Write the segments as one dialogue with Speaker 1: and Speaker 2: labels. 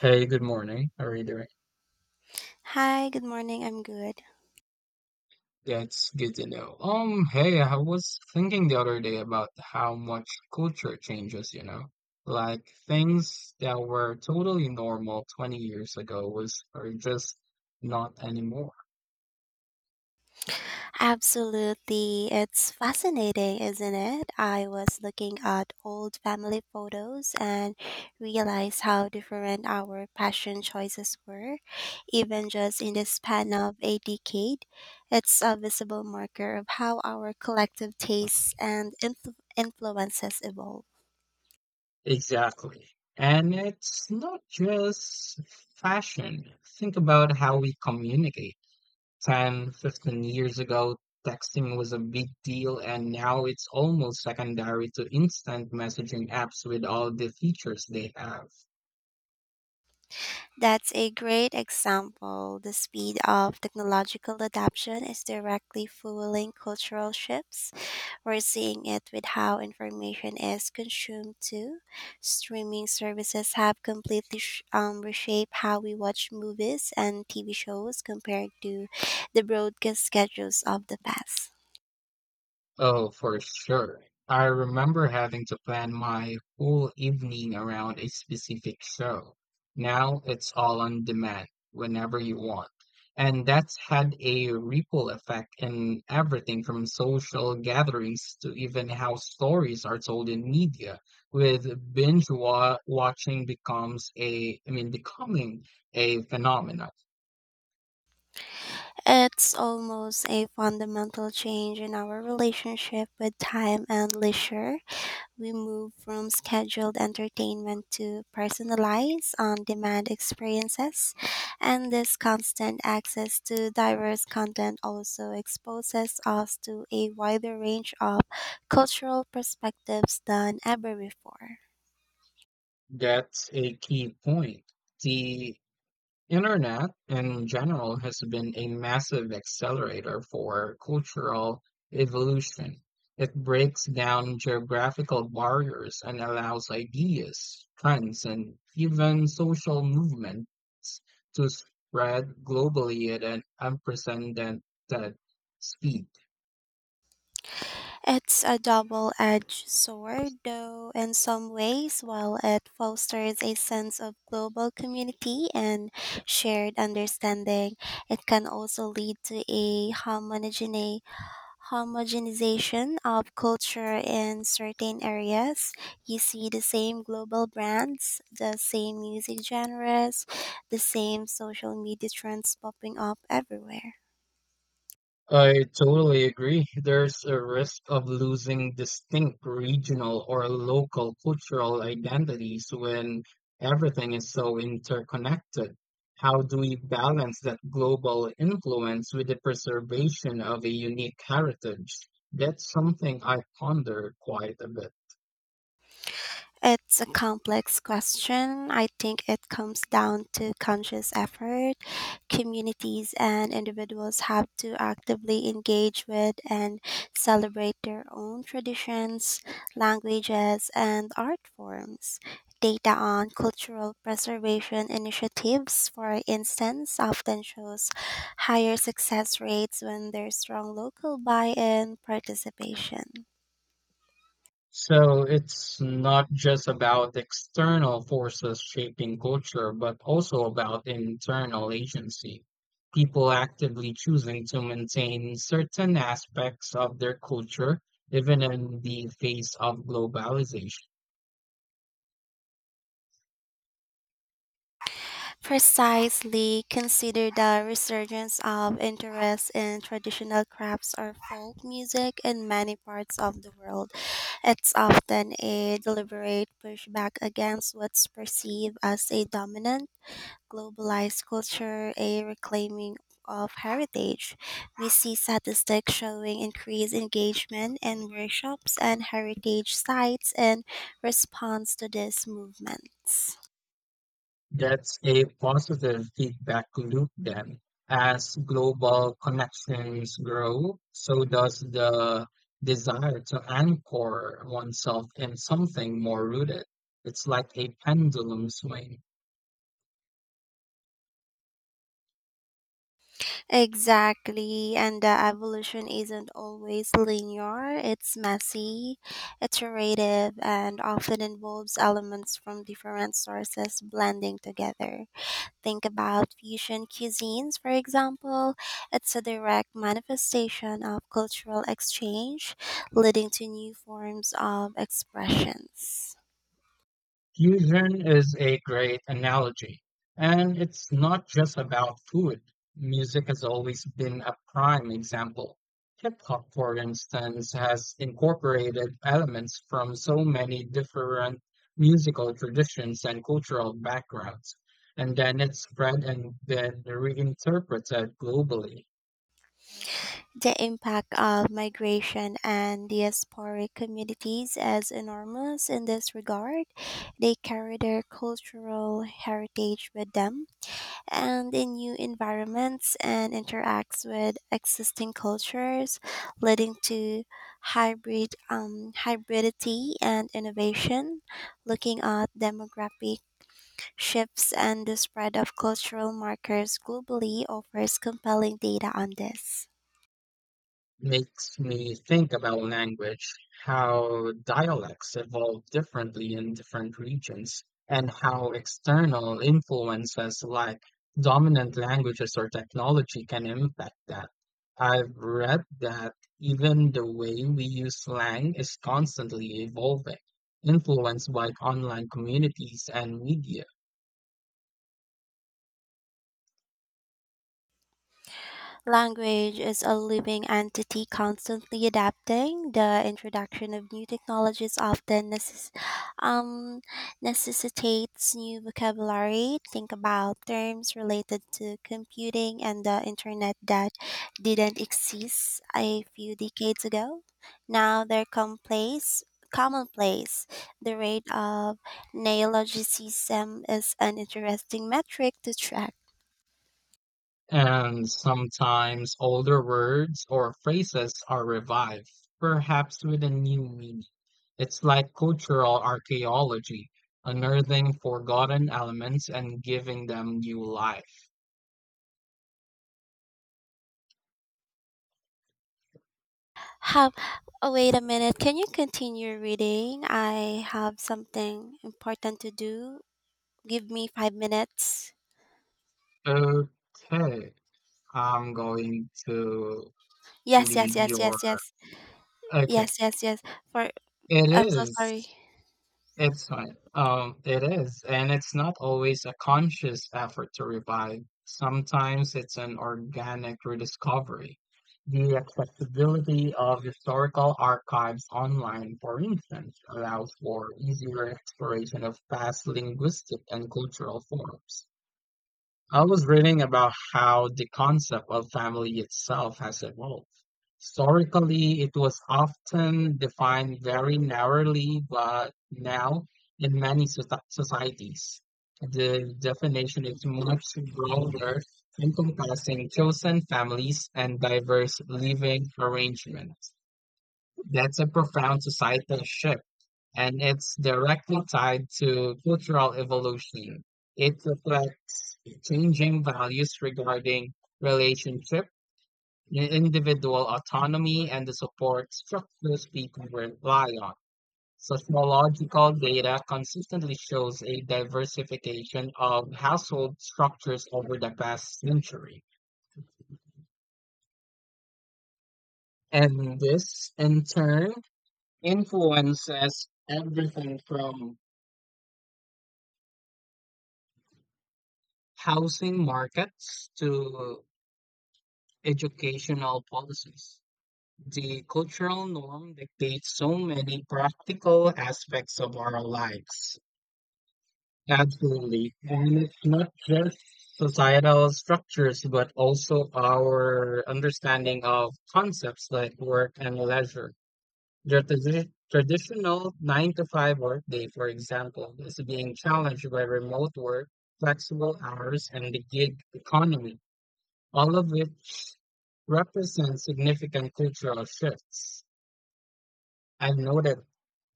Speaker 1: Hey, good morning. How are you doing?
Speaker 2: Hi, good morning. I'm good.
Speaker 1: That's good to know. Hey, I was thinking the other day about how much culture changes, you know? Like things that were totally normal 20 years ago was are just not anymore.
Speaker 2: Absolutely. It's fascinating, isn't it? I was looking at old family photos and realized how different our passion choices were, even just in the span of a decade. It's a visible marker of how our collective tastes and influences evolve.
Speaker 1: Exactly. And it's not just fashion. Think about how we communicate, 10, 15 years ago, texting was a big deal, and now it's almost secondary to instant messaging apps with all the features they have.
Speaker 2: That's a great example. The speed of technological adoption is directly fueling cultural shifts. We're seeing it with how information is consumed, too. Streaming services have completely reshaped how we watch movies and TV shows compared to the broadcast schedules of the past.
Speaker 1: Oh, for sure. I remember having to plan my whole evening around a specific show. Now it's all on demand whenever you want. And that's had a ripple effect in everything from social gatherings to even how stories are told in media, with binge wa- watching becomes a, I mean, becoming a phenomenon.
Speaker 2: It's almost a fundamental change in our relationship with time and leisure. We move from scheduled entertainment to personalized, on demand experiences, and this constant access to diverse content also exposes us to a wider range of cultural perspectives than ever before.
Speaker 1: That's a key point. The Internet in general has been a massive accelerator for cultural evolution. It breaks down geographical barriers and allows ideas, trends, and even social movements to spread globally at an unprecedented speed.
Speaker 2: It's a double edged sword, though, in some ways, while it fosters a sense of global community and shared understanding, it can also lead to a homogeneity homogenization of culture in certain areas. You see the same global brands, the same music genres, the same social media trends popping up everywhere.
Speaker 1: I totally agree. There's a risk of losing distinct regional or local cultural identities when everything is so interconnected. How do we balance that global influence with the preservation of a unique heritage? That's something I ponder quite a bit.
Speaker 2: It's a complex question. I think it comes down to conscious effort communities and individuals have to actively engage with and celebrate their own traditions, languages, and art forms. Data on cultural preservation initiatives, for instance, often shows higher success rates when there's strong local buy in participation.
Speaker 1: So it's not just about external forces shaping culture, but also about internal agency. People actively choosing to maintain certain aspects of their culture, even in the face of globalization.
Speaker 2: Precisely, consider the resurgence of interest in traditional crafts or folk music in many parts of the world. It's often a deliberate pushback against what's perceived as a dominant globalized culture, a reclaiming of heritage. We see statistics showing increased engagement in workshops and heritage sites in response to these movements.
Speaker 1: That's a positive feedback loop then. As global connections grow, so does the desire to anchor oneself in something more rooted. It's like a pendulum swing.
Speaker 2: Exactly, and the evolution isn't always linear. It's messy, iterative, and often involves elements from different sources blending together. Think about fusion cuisines, for example. It's a direct manifestation of cultural exchange, leading to new forms of expressions.
Speaker 1: Fusion is a great analogy, and it's not just about food. Music has always been a prime example. Hip hop, for instance, has incorporated elements from so many different musical traditions and cultural backgrounds, and then it's spread and then reinterpreted globally.
Speaker 2: The impact of migration and diasporic communities is enormous in this regard. They carry their cultural heritage with them and in new environments and interacts with existing cultures, leading to hybridity and innovation. Looking at demographic shifts and the spread of cultural markers globally offers compelling data on this.
Speaker 1: Makes me think about language, how dialects evolve differently in different regions, and how external influences like dominant languages or technology can impact that. I've read that even the way we use slang is constantly evolving, influenced by online communities and media.
Speaker 2: Language is a living entity constantly adapting. The introduction of new technologies often um, necessitates new vocabulary. Think about terms related to computing and the internet that didn't exist a few decades ago. Now they're commonplace. Commonplace. The rate of neologicism is an interesting metric to track.
Speaker 1: And sometimes older words or phrases are revived, perhaps with a new meaning. It's like cultural archaeology, unearthing forgotten elements and giving them new life.
Speaker 2: Have oh, wait a minute. Can you continue reading? I have something important to do. Give me 5 minutes.
Speaker 1: Okay, I'm going to
Speaker 2: Yes, yes,
Speaker 1: read
Speaker 2: yes,
Speaker 1: your.
Speaker 2: yes, yes,
Speaker 1: Okay,
Speaker 2: yes, yes, yes. For
Speaker 1: it
Speaker 2: I'm so sorry.
Speaker 1: is. It's fine. It is, and it's not always a conscious effort to revive. Sometimes it's an organic rediscovery. The accessibility of historical archives online, for instance, allows for easier exploration of past linguistic and cultural forms. I was reading about how the concept of family itself has evolved. Historically, it was often defined very narrowly, but now, in many societies, the definition is much broader, encompassing chosen families and diverse living arrangements. That's a profound societal shift, and it's directly tied to cultural evolution. It reflects changing values regarding relationship, individual autonomy, and the support structures people rely on. Sociological data consistently shows a diversification of household structures over the past century. And this, in turn, influences everything from housing markets to educational policies. The cultural norm dictates so many practical aspects of our lives. Absolutely. And it's not just societal structures, but also our understanding of concepts like work and leisure. The traditional 9 to 5 workday, for example, is being challenged by remote work, flexible hours, and the gig economy, all of which represent significant cultural shifts. I've noted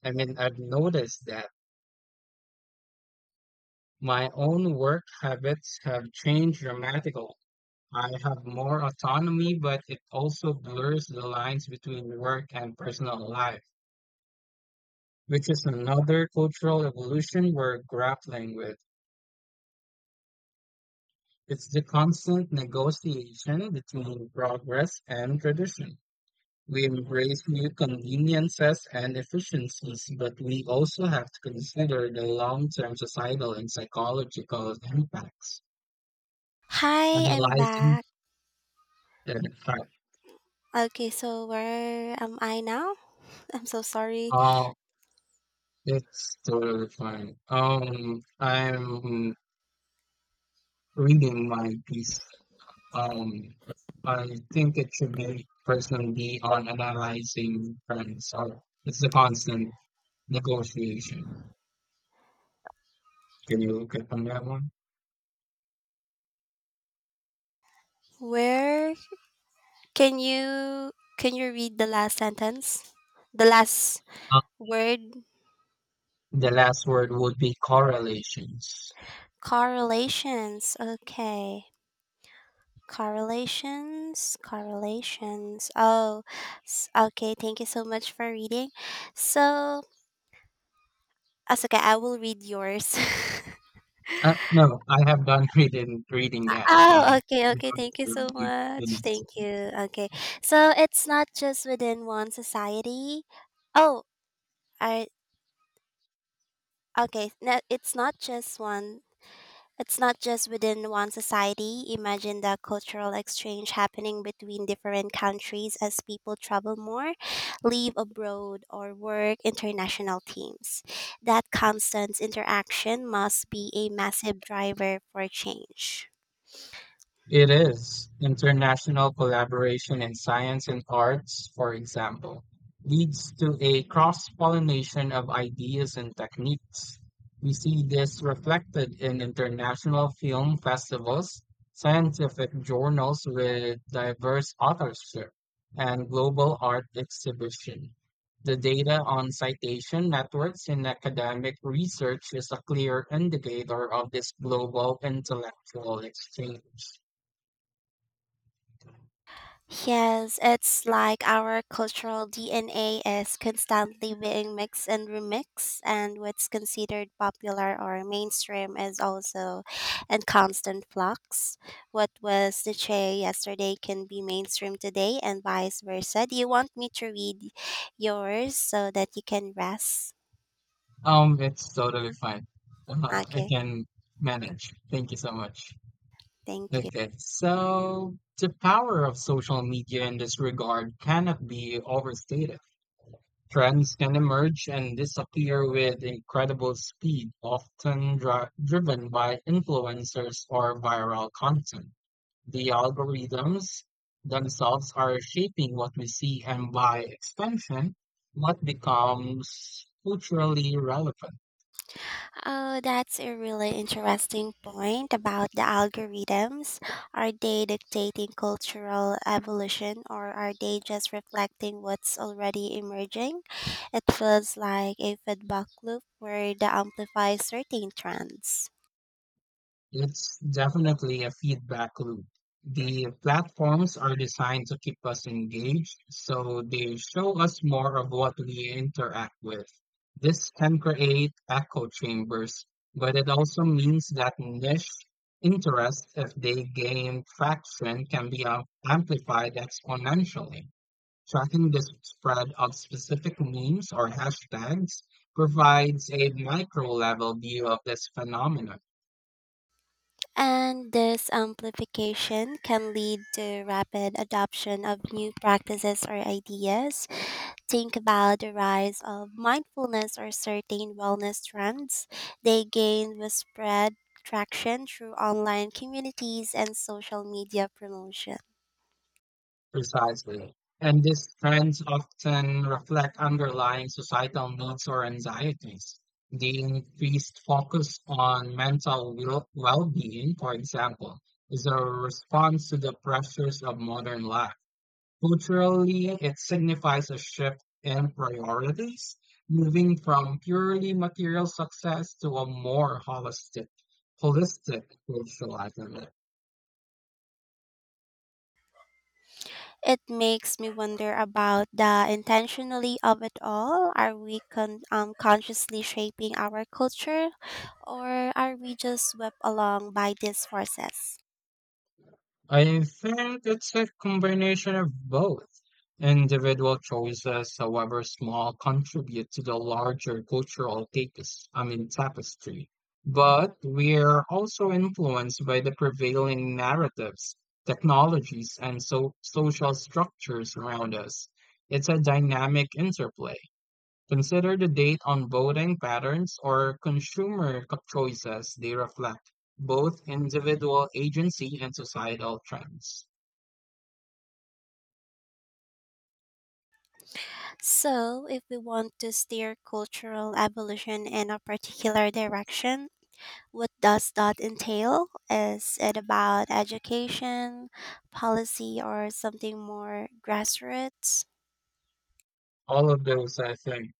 Speaker 1: I mean, I've noticed that my own work habits have changed dramatically. I have more autonomy, but it also blurs the lines between work and personal life, which is another cultural evolution we're grappling with. It's the constant negotiation between progress and tradition. We embrace new conveniences and efficiencies, but we also have to consider the long-term societal and psychological impacts.
Speaker 2: Hi, I'm
Speaker 1: Analyzing
Speaker 2: back.
Speaker 1: the fact.
Speaker 2: Okay, so where am I now? I'm so sorry.
Speaker 1: Oh, it's totally fine. I'm reading my piece. Um, I think it should be personally be on analyzing trends. Or it's a constant negotiation. Can you get on that one?
Speaker 2: Where can you can you read the last sentence? The last
Speaker 1: Uh,
Speaker 2: word
Speaker 1: the last word would be correlations.
Speaker 2: correlations. Okay. Correlations, correlations. Oh, s- okay. Thank you so much for reading. So, as okay, I will read yours.
Speaker 1: No, I have done reading that.
Speaker 2: oh, okay,
Speaker 1: I'm
Speaker 2: okay.
Speaker 1: going
Speaker 2: Thank you
Speaker 1: to
Speaker 2: so
Speaker 1: read the
Speaker 2: much.
Speaker 1: next.
Speaker 2: Thank you. Okay. So, it's not just within one society. Oh, I okay. No, it's not just one It's not just within one society. Imagine the cultural exchange happening between different countries as people travel more, live abroad, or work international teams. That constant interaction must be a massive driver for change.
Speaker 1: It is. International collaboration in science and arts, for example, leads to a cross-pollination of ideas and techniques. We see this reflected in international film festivals, scientific journals with diverse authorship, and global art exhibition. The data on citation networks in academic research is a clear indicator of this global intellectual exchange.
Speaker 2: Yes, it's like our cultural DNA is constantly being mixed and remixed, and what's considered popular or mainstream is also in constant flux. What was the chay yesterday can be mainstream today, and vice versa. Do you want me to read yours so that you can rest?
Speaker 1: It's totally fine. I
Speaker 2: Okay,
Speaker 1: can manage. Thank you so much.
Speaker 2: thank you.
Speaker 1: Okay, so the power of social media in this regard cannot be overstated. Trends can emerge and disappear with incredible speed, often driven by influencers or viral content. The algorithms themselves are shaping what we see, and by extension, what becomes culturally relevant.
Speaker 2: Oh, that's a really interesting point about the algorithms. Are they dictating cultural evolution or are they just reflecting what's already emerging? It feels like a feedback loop where they amplify certain trends.
Speaker 1: It's definitely a feedback loop. The platforms are designed to keep us engaged, so they show us more of what we interact with. This can create echo chambers, but it also means that niche interests, if they gain traction, can be amplified exponentially. Tracking the spread of specific memes or hashtags provides a micro level view of this phenomenon.
Speaker 2: And this amplification can lead to rapid adoption of new practices or ideas, think about the rise of mindfulness or certain wellness trends, they gained widespread traction through online communities and social media promotion.
Speaker 1: Precisely. And these trends often reflect underlying societal needs or anxieties. The increased focus on mental well-being, for example, is a response to the pressures of modern life. Culturally, it signifies a shift in priorities, moving from purely material success to a more holistic cultural identity.
Speaker 2: It makes me wonder about the intentionally of it all. Are we consciously shaping our culture or are we just swept along by these forces?
Speaker 1: I think it's a combination of both. Individual choices, however small, contribute to the larger cultural tapestry. But we're also influenced by the prevailing narratives, technologies, and so social structures around us. It's a dynamic interplay. Consider the date on voting patterns or consumer choices they reflect, both individual agency and societal trends.
Speaker 2: So, if we want to steer cultural evolution in a particular direction, what does that entail? Is it about education, policy, or something more grassroots?
Speaker 1: All of those, I think.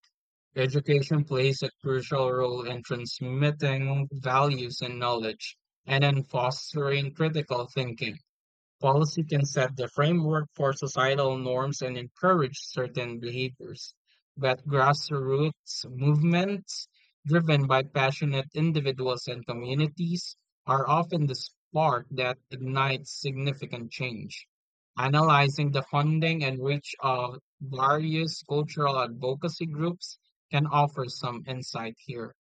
Speaker 1: Education plays a crucial role in transmitting values and knowledge and in fostering critical thinking. Policy can set the framework for societal norms and encourage certain behaviors, but grassroots movements driven by passionate individuals and communities are often the spark that ignites significant change. Analyzing the funding and reach of various cultural advocacy groups can offer some insight here.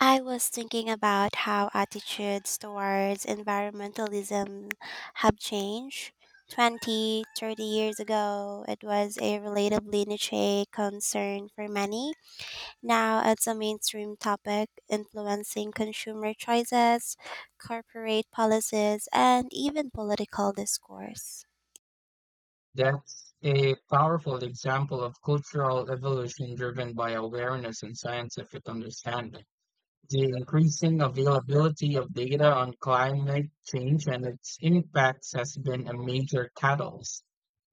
Speaker 2: I was thinking about how attitudes towards environmentalism have changed. 20, 30 years ago, it was a relatively niche concern for many. Now it's a mainstream topic influencing consumer choices, corporate policies, and even political discourse.
Speaker 1: That's a powerful example of cultural evolution driven by awareness and scientific understanding. The increasing availability of data on climate change and its impacts has been a major catalyst.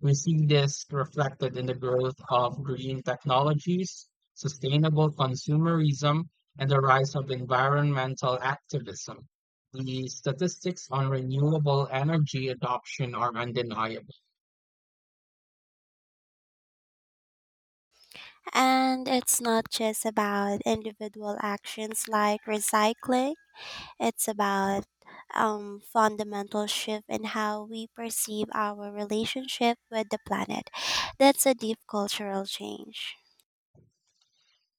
Speaker 1: We see this reflected in the growth of green technologies, sustainable consumerism, and the rise of environmental activism. The statistics on renewable energy adoption are undeniable.
Speaker 2: And it's not just about individual actions like recycling, it's about fundamental shift in how we perceive our relationship with the planet. That's a deep cultural change.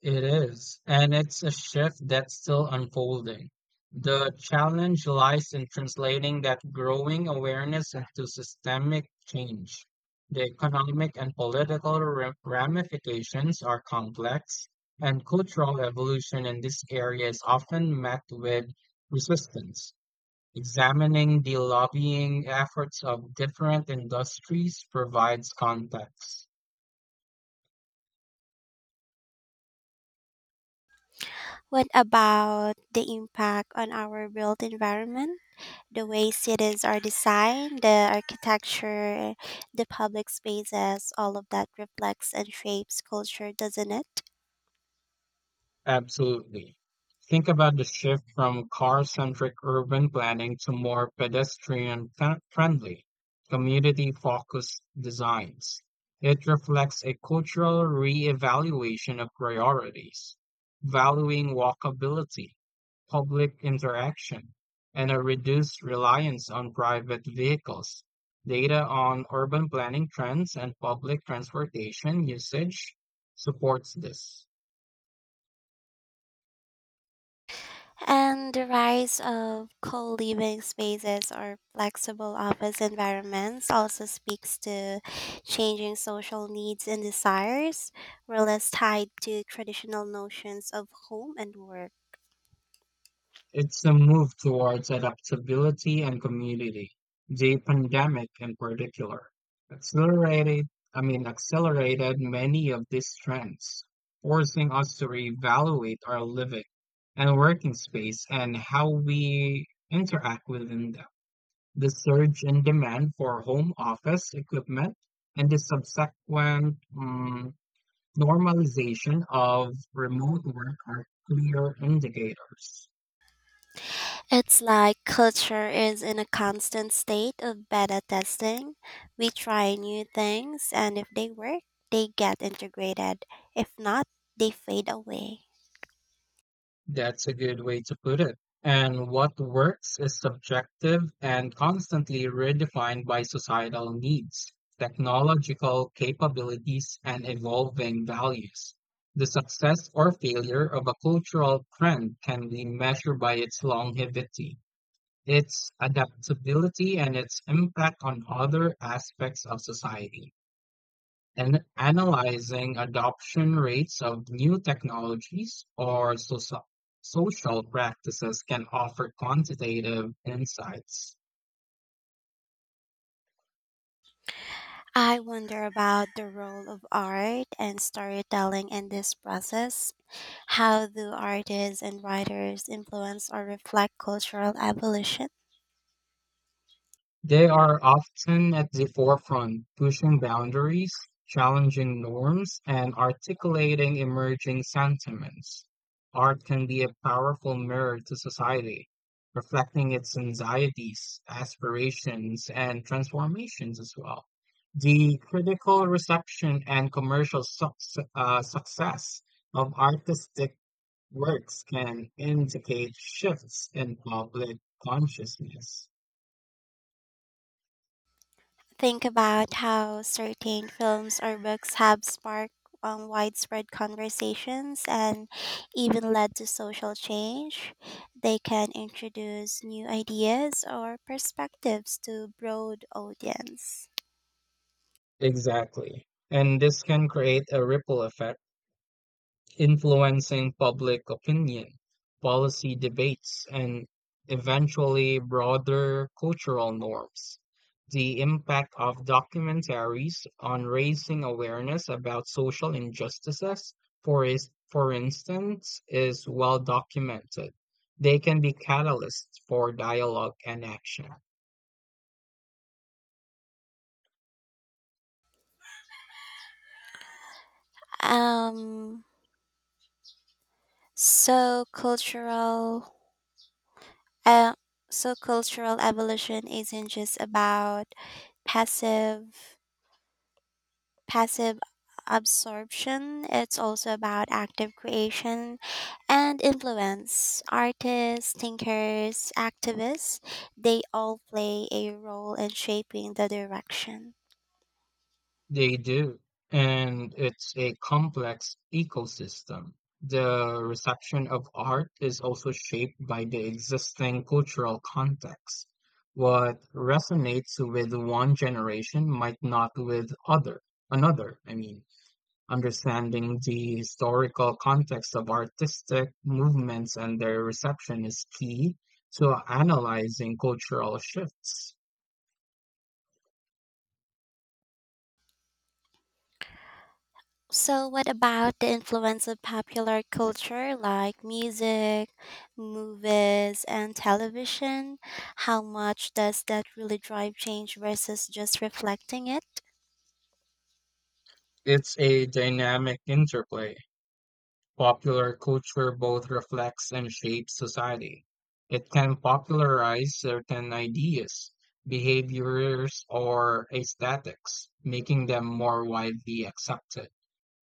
Speaker 1: It is, and it's a shift that's still unfolding. The challenge lies in translating that growing awareness into systemic change. The economic and political ramifications are complex, and cultural evolution in this area is often met with resistance. Examining the lobbying efforts of different industries provides context.
Speaker 2: What about the impact on our built environment? The way cities are designed, the architecture, the public spaces, all of that reflects and shapes culture, doesn't it?
Speaker 1: Absolutely. Think about the shift from car-centric urban planning to more pedestrian-friendly, community-focused designs. It reflects a cultural reevaluation of priorities, valuing walkability, public interaction, and a reduced reliance on private vehicles. Data on urban planning trends and public transportation usage supports this.
Speaker 2: And the rise of co living spaces or flexible office environments also speaks to changing social needs and desires, were less tied to traditional notions of home and work.
Speaker 1: It's a move towards adaptability and community. The pandemic in particular accelerated, accelerated many of these trends, forcing us to reevaluate our living and working space and how we interact within them. The surge in demand for home office equipment and the subsequent normalization of remote work are clear indicators.
Speaker 2: It's like culture is in a constant state of beta testing. We try new things, and if they work, they get integrated. If not, they fade away.
Speaker 1: That's a good way to put it. And what works is subjective and constantly redefined by societal needs, technological capabilities, and evolving values. The success or failure of a cultural trend can be measured by its longevity, its adaptability, and its impact on other aspects of society and analyzing adoption rates of new technologies or social practices can offer quantitative insights.
Speaker 2: I wonder about the role of art and storytelling in this process. How do artists and writers influence or reflect cultural evolution?
Speaker 1: They are often at the forefront, pushing boundaries, challenging norms, and articulating emerging sentiments. Art can be a powerful mirror to society, reflecting its anxieties, aspirations, and transformations as well. The critical reception and commercial success of artistic works can indicate shifts in public consciousness.
Speaker 2: Think about how certain films or books have sparked widespread conversations and even led to social change. They can introduce new ideas or perspectives to broad audience.
Speaker 1: Exactly. And this can create a ripple effect, influencing public opinion, policy debates, and eventually broader cultural norms. The impact of documentaries on raising awareness about social injustices, for instance, is well documented. They can be catalysts for dialogue and action.
Speaker 2: Um, so cultural Uh, so cultural evolution isn't just about passive passive absorption. It's also about active creation and influence. Artists, thinkers, activists, they all play a role in shaping the direction.
Speaker 1: They do, and it's a complex ecosystem. The reception of art is also shaped by the existing cultural context. What resonates with one generation might not with other another. I mean, understanding the historical context of artistic movements and their reception is key to analyzing cultural shifts.
Speaker 2: So, what about the influence of popular culture like music, movies, and television? How much does that really drive change versus just reflecting it?
Speaker 1: It's a dynamic interplay. Popular culture both reflects and shapes society. It can popularize certain ideas, behaviors, or aesthetics, making them more widely accepted.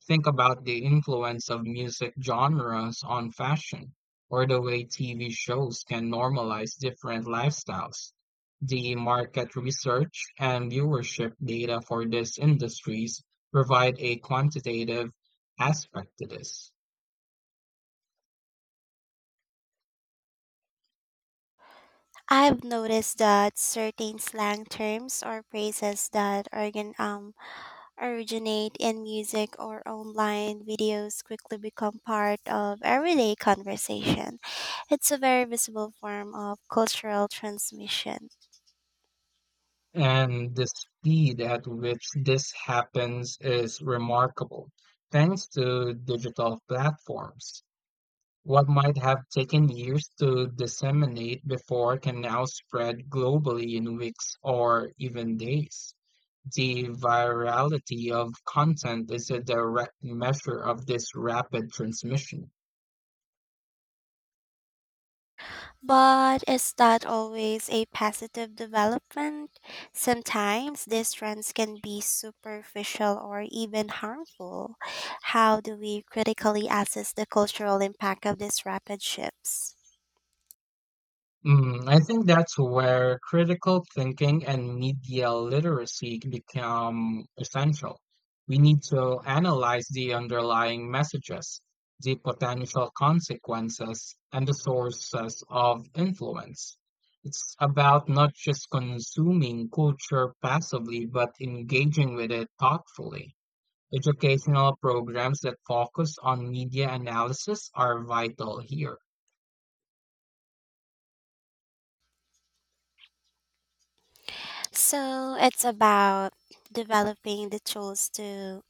Speaker 1: Think about the influence of music genres on fashion, or the way TV shows can normalize different lifestyles. The market research and viewership data for these industries provide a quantitative aspect to this.
Speaker 2: I've noticed that certain slang terms or phrases that originate in music or online videos quickly become part of everyday conversation. It's a very visible form of cultural transmission.
Speaker 1: And the speed at which this happens is remarkable, thanks to digital platforms. What might have taken years to disseminate before can now spread globally in weeks or even days. The virality of content is a direct measure of this rapid transmission.
Speaker 2: But is that always a positive development? Sometimes these trends can be superficial or even harmful. How do we critically assess the cultural impact of these rapid shifts?
Speaker 1: Mm, I think that's where critical thinking and media literacy become essential. We need to analyze the underlying messages, the potential consequences, and the sources of influence. It's about not just consuming culture passively, but engaging with it thoughtfully. Educational programs that focus on media analysis are vital here.
Speaker 2: So it's about developing the tools to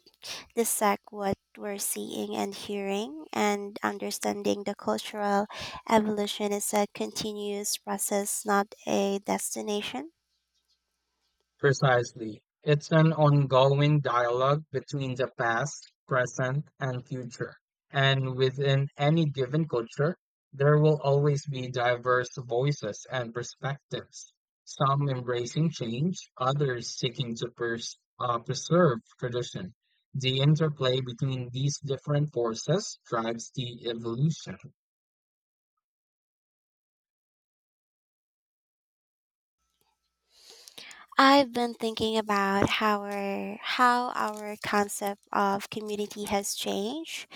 Speaker 2: dissect what we're seeing and hearing, and understanding the cultural evolution is a continuous process, not a destination.
Speaker 1: Precisely. It's an ongoing dialogue between the past, present, and future. And within any given culture, there will always be diverse voices and perspectives, some embracing change, others seeking to preserve tradition. The interplay between these different forces drives the evolution.
Speaker 2: I've been thinking about how our concept of community has changed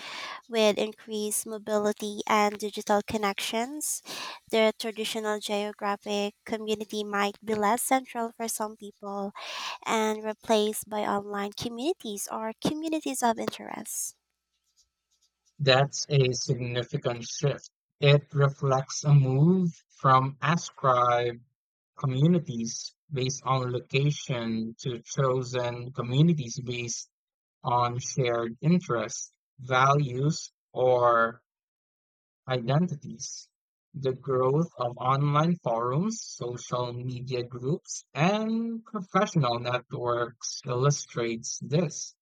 Speaker 2: with increased mobility and digital connections. The traditional geographic community might be less central for some people and replaced by online communities or communities of interest.
Speaker 1: That's a significant shift. It reflects a move from ascribe communities based on location to chosen communities based on shared interests, values, or identities. The growth of online forums, social media groups, and professional networks illustrates this.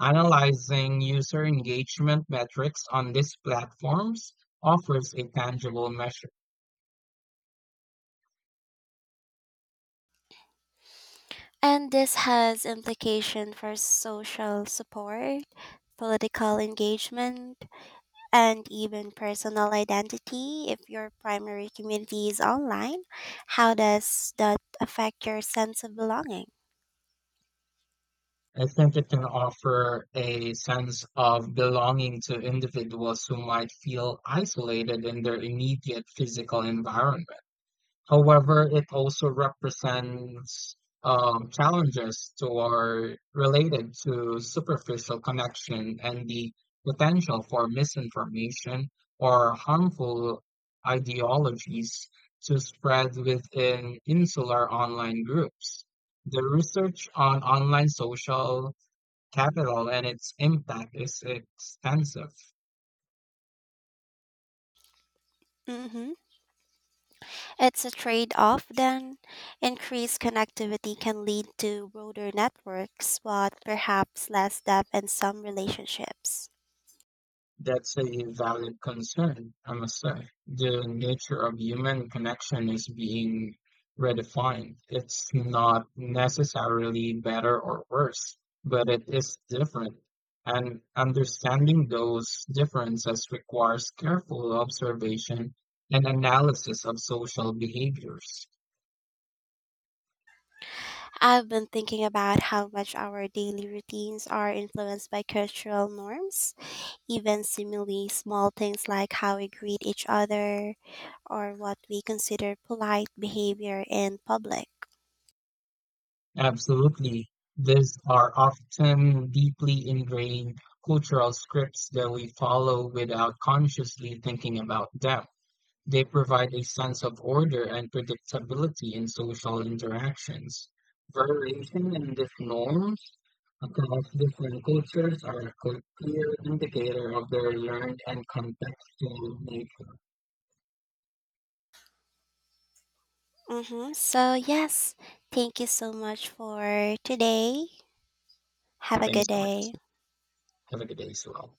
Speaker 1: Analyzing user engagement metrics on these platforms offers a tangible measure.
Speaker 2: And this has implication for social support, political engagement, and even personal identity if your primary community is online how does that affect your sense of belonging.
Speaker 1: I think it can offer a sense of belonging to individuals who might feel isolated in their immediate physical environment. However, it also represents challenges to or related to superficial connection and the potential for misinformation or harmful ideologies to spread within insular online groups. The research on online social capital and its impact is extensive.
Speaker 2: Hmm, it's a trade-off then, increased connectivity can lead to broader networks but perhaps less depth in some relationships.
Speaker 1: That's a valid concern, I must say. The nature of human connection is being redefined. It's not necessarily better or worse, but it is different. And understanding those differences requires careful observation and analysis of social behaviors.
Speaker 2: I've been thinking about how much our daily routines are influenced by cultural norms. Even seemingly small things like how we greet each other or what we consider polite behavior in public.
Speaker 1: Absolutely. These are often deeply ingrained cultural scripts that we follow without consciously thinking about them. They provide a sense of order and predictability in social interactions. Variation in these norms across different cultures are a clear indicator of their learned and contextual nature.
Speaker 2: Mm-hmm. So, yes, thank you so much for today. Have a
Speaker 1: Thank you
Speaker 2: good
Speaker 1: so much.
Speaker 2: day.
Speaker 1: Have a good day as well.